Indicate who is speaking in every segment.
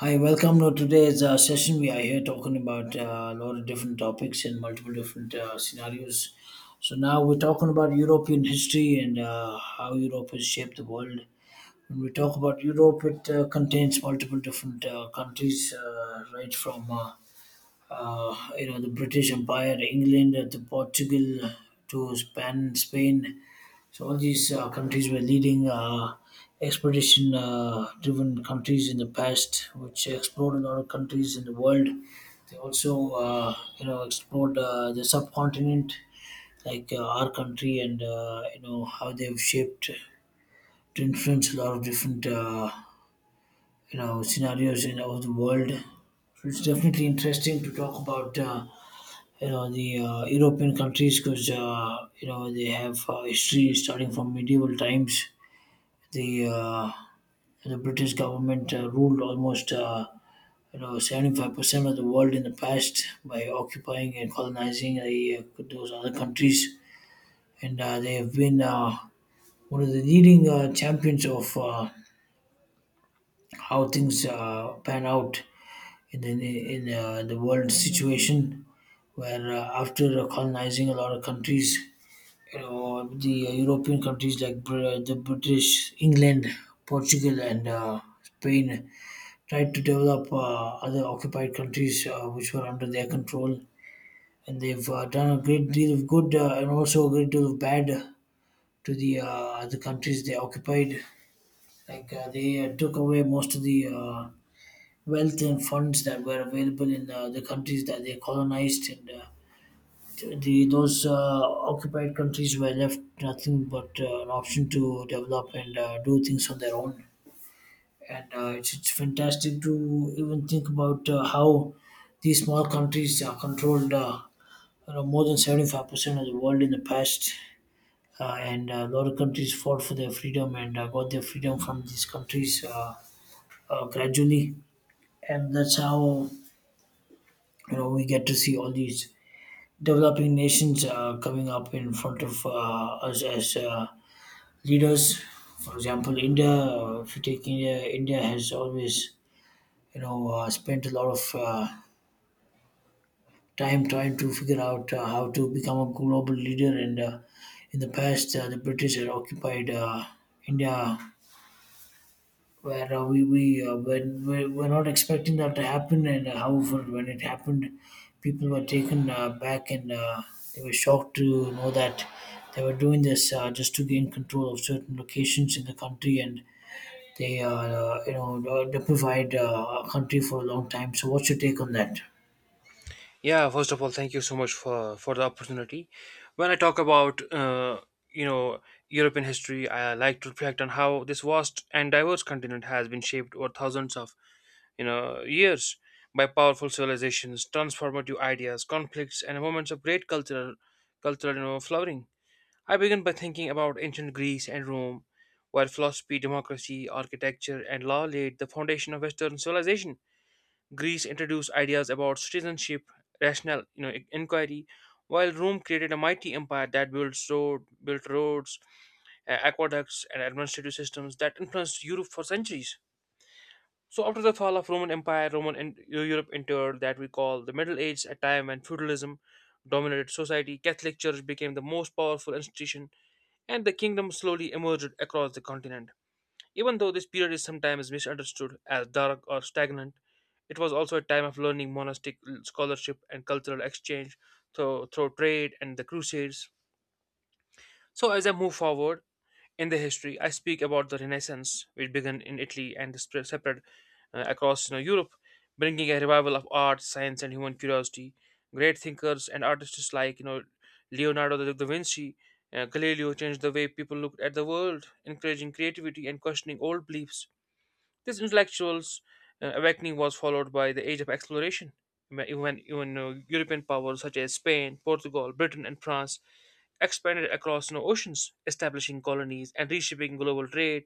Speaker 1: Hi, welcome to today's session. We are here talking about a lot of different topics and multiple different scenarios. So now we're talking about European history and how Europe has shaped the world. When we talk about Europe, it contains multiple different countries, right from the British Empire, England, to Portugal, to Spain. So all these countries were leading expedition-driven countries in the past, which explored a lot of countries in the world. They also, explored the subcontinent, like our country, and how they've shaped to influence a lot of different, scenarios in of the world. So it's definitely interesting to talk about. The European countries because they have history starting from medieval times the uh, the British government ruled almost 75% of the world in the past by occupying and colonizing those other countries, and they have been one of the leading champions of how things pan out in the world situation, where after colonizing a lot of countries. You know, the European countries like the British, England, Portugal, and Spain tried to develop other occupied countries which were under their control, and they've done a great deal of good and also a great deal of bad to the other countries they occupied. Like they took away most of the wealth and funds that were available in the countries that they colonized, and the those occupied countries were left nothing but an option to develop and do things on their own. And it's fantastic to even think about how these small countries controlled more than 75% of the world in the past and a lot of countries fought for their freedom and got their freedom from these countries gradually, and that's how we get to see all these developing nations coming up in front of us as leaders. For example, India, if you take India, India has always spent a lot of time trying to figure out how to become a global leader. And in the past, the British had occupied India, where we when we were not expecting that to happen. And however, when it happened, people were taken back and they were shocked to know that they were doing this just to gain control of certain locations in the country and. They, deprivied a country for a long time. So, what's your take on that?
Speaker 2: Yeah, first of all, thank you so much for the opportunity. When I talk about you know European history, I like to reflect on how this vast and diverse continent has been shaped over thousands of years by powerful civilizations, transformative ideas, conflicts, and moments of great cultural flowering. I begin by thinking about ancient Greece and Rome, where philosophy, democracy, architecture, and law laid the foundation of Western civilization. Greece introduced ideas about citizenship, rational inquiry, while Rome created a mighty empire that built roads, aqueducts, and administrative systems that influenced Europe for centuries. So after the fall of Roman Empire, Roman and Europe entered that we call the Middle Age, a time when feudalism dominated society. Catholic Church became the most powerful institution, and the kingdom slowly emerged across the continent. Even though this period is sometimes misunderstood as dark or stagnant, it was also a time of learning, monastic scholarship, and cultural exchange through trade and the Crusades. So, as I move forward in the history, I speak about the Renaissance, which began in Italy and spread across Europe, bringing a revival of art, science, and human curiosity. Great thinkers and artists like Leonardo da Vinci, Galileo changed the way people looked at the world, encouraging creativity and questioning old beliefs. This intellectuals awakening was followed by the Age of Exploration, when even European powers such as Spain, Portugal, Britain, and France expanded across new oceans, establishing colonies and reshaping global trade,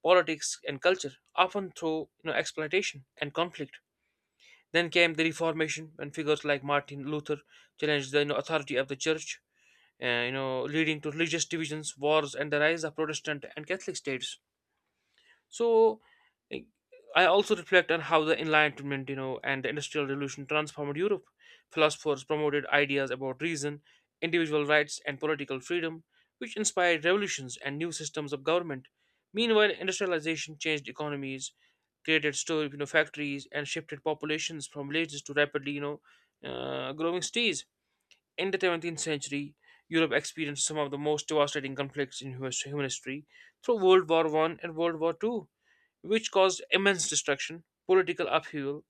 Speaker 2: politics, and culture, often through exploitation and conflict. Then came the Reformation, when figures like Martin Luther challenged the authority of the Church, leading to religious divisions, wars, and the rise of Protestant and Catholic states. So like, I also reflect on how the Enlightenment, and the Industrial Revolution transformed Europe. Philosophers promoted ideas about reason, individual rights, and political freedom, which inspired revolutions and new systems of government. Meanwhile, industrialization changed economies, created factories, and shifted populations from villages to rapidly growing cities. In the 17th century, Europe experienced some of the most devastating conflicts in human history through World War I and World War II, which caused immense destruction, political upheaval,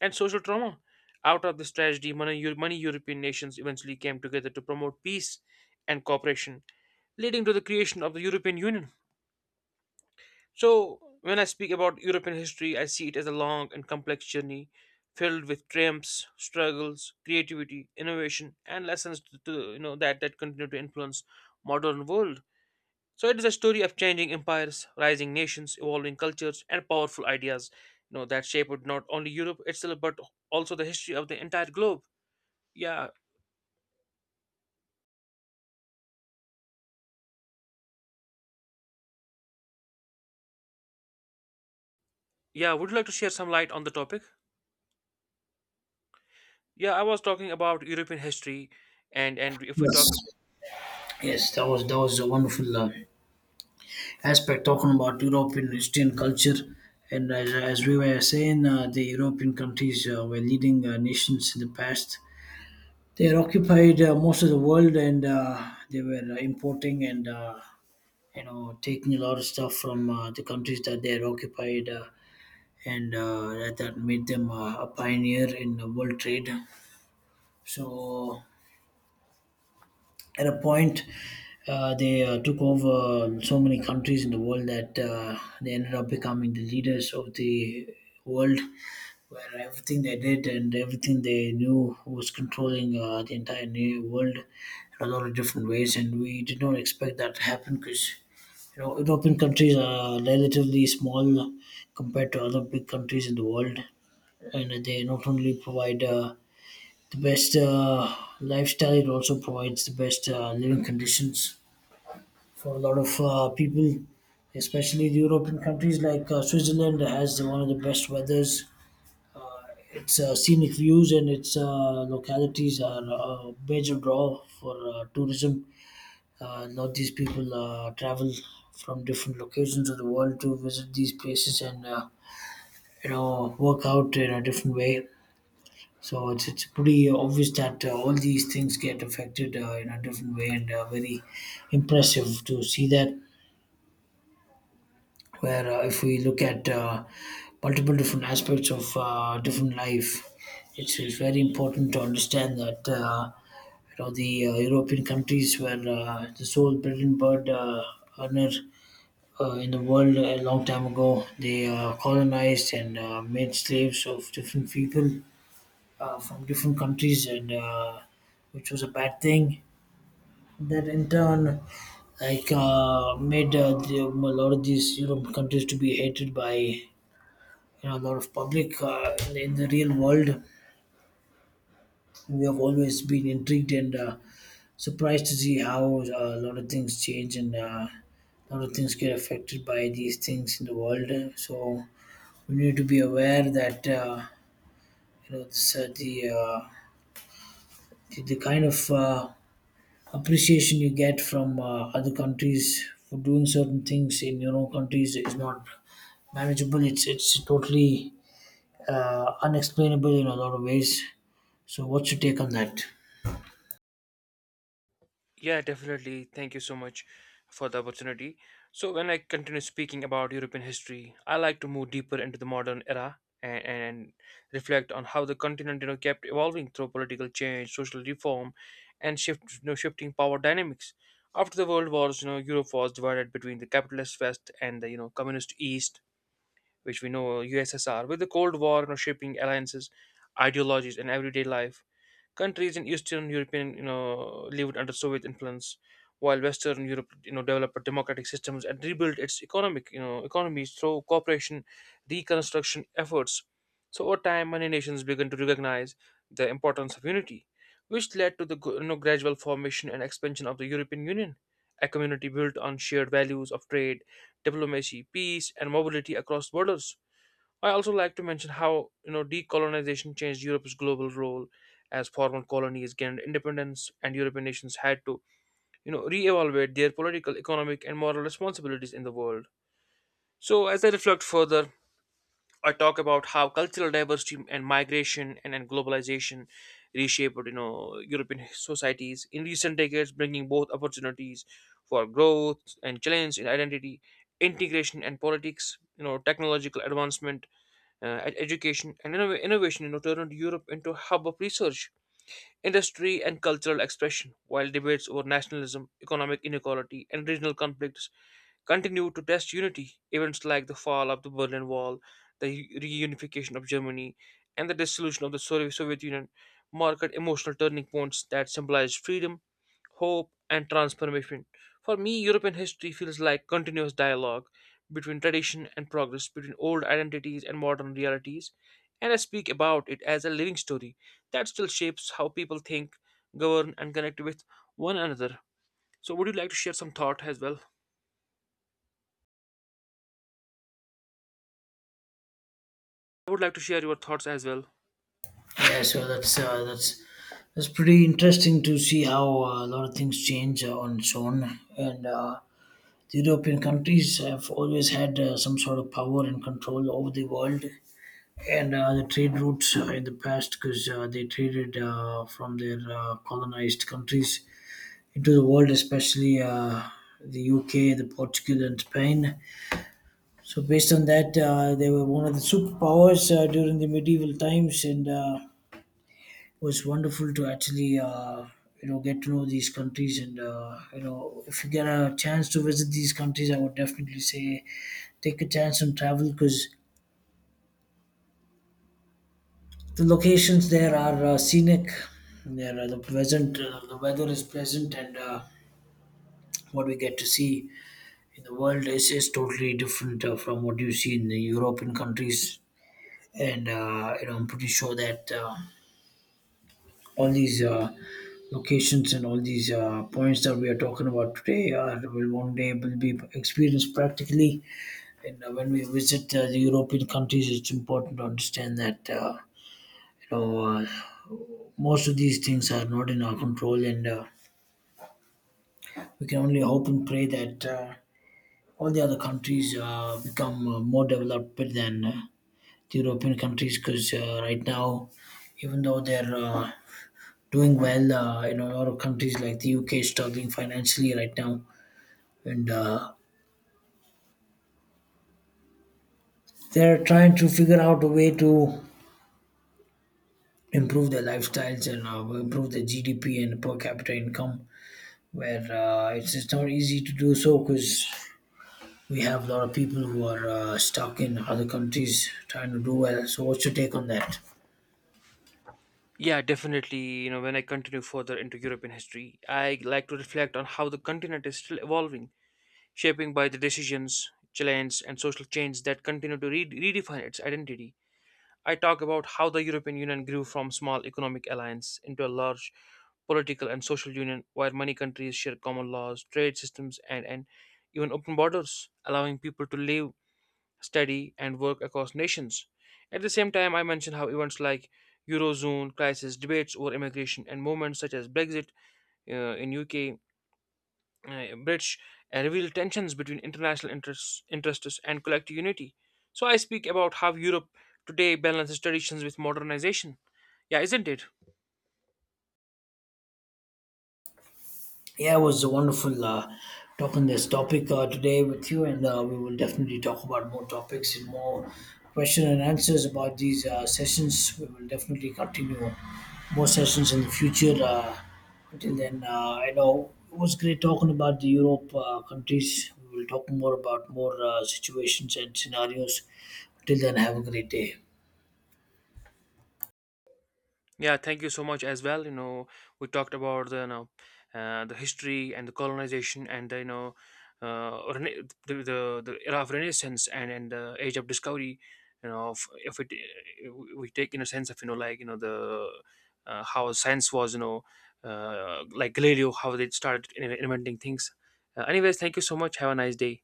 Speaker 2: and social trauma. Out of this tragedy, many European nations eventually came together to promote peace and cooperation, leading to the creation of the European Union. So, when I speak about European history, I see it as a long and complex journey filled with triumphs, struggles, creativity, innovation, and lessons to, you know that that continue to influence modern world. So it is a story of changing empires, rising nations, evolving cultures, and powerful ideas. That shaped not only Europe itself but also the history of the entire globe. Yeah, yeah. Would you like to share some light on the topic? Yeah, I was talking about European history, and if we talk.
Speaker 1: Yes. Yes, that was a wonderful aspect talking about European Christian culture, and as we were saying, the European countries were leading nations in the past. They had occupied most of the world, and they were importing and taking a lot of stuff from the countries that they had occupied, and that made them a pioneer in world trade. So at a point they took over so many countries in the world that they ended up becoming the leaders of the world, where everything they did and everything they knew was controlling the entire new world in a lot of different ways, and we did not expect that to happen because European countries are relatively small compared to other big countries in the world, and they not only provide the best lifestyle. It also provides the best living conditions for a lot of people, especially the European countries like Switzerland has one of the best weathers. Uh, its scenic views and its localities are a major draw for tourism. A lot of these people travel from different locations of the world to visit these places and work out in a different way. So it's pretty obvious that all these things get affected in a different way, and very impressive to see that. Where if we look at multiple different aspects of different life, it's very important to understand that the European countries were the sole brilliant bird earner in the world a long time ago. They colonized and made slaves of different people from different countries, and which was a bad thing. That in turn, like made a lot of these Europe countries to be hated by a lot of public in the real world. We have always been intrigued and surprised to see how a lot of things change and a lot of things get affected by these things in the world. So we need to be aware that you know this, the kind of appreciation you get from other countries for doing certain things in your own countries is not manageable. It's totally unexplainable in a lot of ways. So, what's your take on that?
Speaker 2: Yeah, definitely. Thank you so much for the opportunity. So, when I continue speaking about European history, I like to move deeper into the modern era and reflect on how the continent, kept evolving through political change, social reform, and shifting power dynamics. After the World Wars, Europe was divided between the capitalist West and the, communist East, which we know USSR, with the Cold War, shaping alliances, ideologies, and everyday life. Countries in Eastern European, lived under Soviet influence, while Western Europe, developed democratic systems and rebuilt its economies through cooperation, reconstruction efforts. So over time, many nations began to recognize the importance of unity, which led to the gradual formation and expansion of the European Union, a community built on shared values of trade, diplomacy, peace, and mobility across borders. I also like to mention how decolonization changed Europe's global role as former colonies gained independence and European nations had to reevaluate their political, economic, and moral responsibilities in the world. So as I reflect further, I talk about how cultural diversity and migration and globalization reshaped European societies in recent decades, bringing both opportunities for growth and challenge in identity, integration, and politics. Technological advancement, education, and innovation, turned Europe into a hub of research, industry, and cultural expression, while debates over nationalism, economic inequality, and regional conflicts continued to test unity. Events like the fall of the Berlin Wall, the reunification of Germany, and the dissolution of the Soviet Union marked emotional turning points that symbolized freedom, hope, and transformation. For me, European history feels like continuous dialogue between tradition and progress, between old identities and modern realities, and I speak about it as a living story that still shapes how people think, govern, and connect with one another. So, would you like to share some thought as well? I would like to share your thoughts as well.
Speaker 1: Yeah, so that's pretty interesting to see how a lot of things change on its own, and the European countries have always had some sort of power and control over the world, and the trade routes in the past because they traded from their colonized countries into the world, especially the UK, the Portugal, and Spain. So based on that, they were one of the superpowers during the medieval times, and it was wonderful to actually get to know these countries. And if you get a chance to visit these countries, I would definitely say take a chance and travel because the locations there are scenic. There are the pleasant. The weather is pleasant, and what we get to see in the world is totally different from what you see in the European countries. And I'm pretty sure that all these locations and all these points that we are talking about today are will one day will be experienced practically. And when we visit the European countries, it's important to understand that. You know, uh, most of these things are not in our control, and we can only hope and pray that all the other countries become more developed than the European countries because right now, even though they're doing well, a lot of countries like the UK is struggling financially right now, and they're trying to figure out a way to improve their lifestyles and improve their GDP and per capita income, where it's just not easy to do so because we have a lot of people who are stuck in other countries trying to do well. So, what's your take on that?
Speaker 2: Yeah, definitely. You know, when I continue further into European history, I like to reflect on how the continent is still evolving, shaping by the decisions, challenge, and social change that continue to redefine its identity. I talk about how the European Union grew from small economic alliance into a large political and social union where many countries share common laws, trade systems, and even open borders, allowing people to live, study, and work across nations. At the same time, I mentioned how events like Eurozone crisis, debates over immigration, and movements such as Brexit in UK, uh, British, reveal tensions between international interests and collective unity. So I speak about how Europe today balances traditions with modernization. Yeah, isn't it?
Speaker 1: Yeah, it was a wonderful talking this topic today with you, and we will definitely talk about more topics and more question and answers about these sessions. We will definitely continue more sessions in the future. Until then, I know it was great talking about the Europe countries. We will talk more about more situations and scenarios. Till then, have a great day.
Speaker 2: Yeah, thank you so much as well. You know, we talked about the history and the colonization and the era of Renaissance and the age of discovery. If it, we take in a sense of like you know the how science was like Galileo how they started inventing things. Anyways, thank you so much. Have a nice day.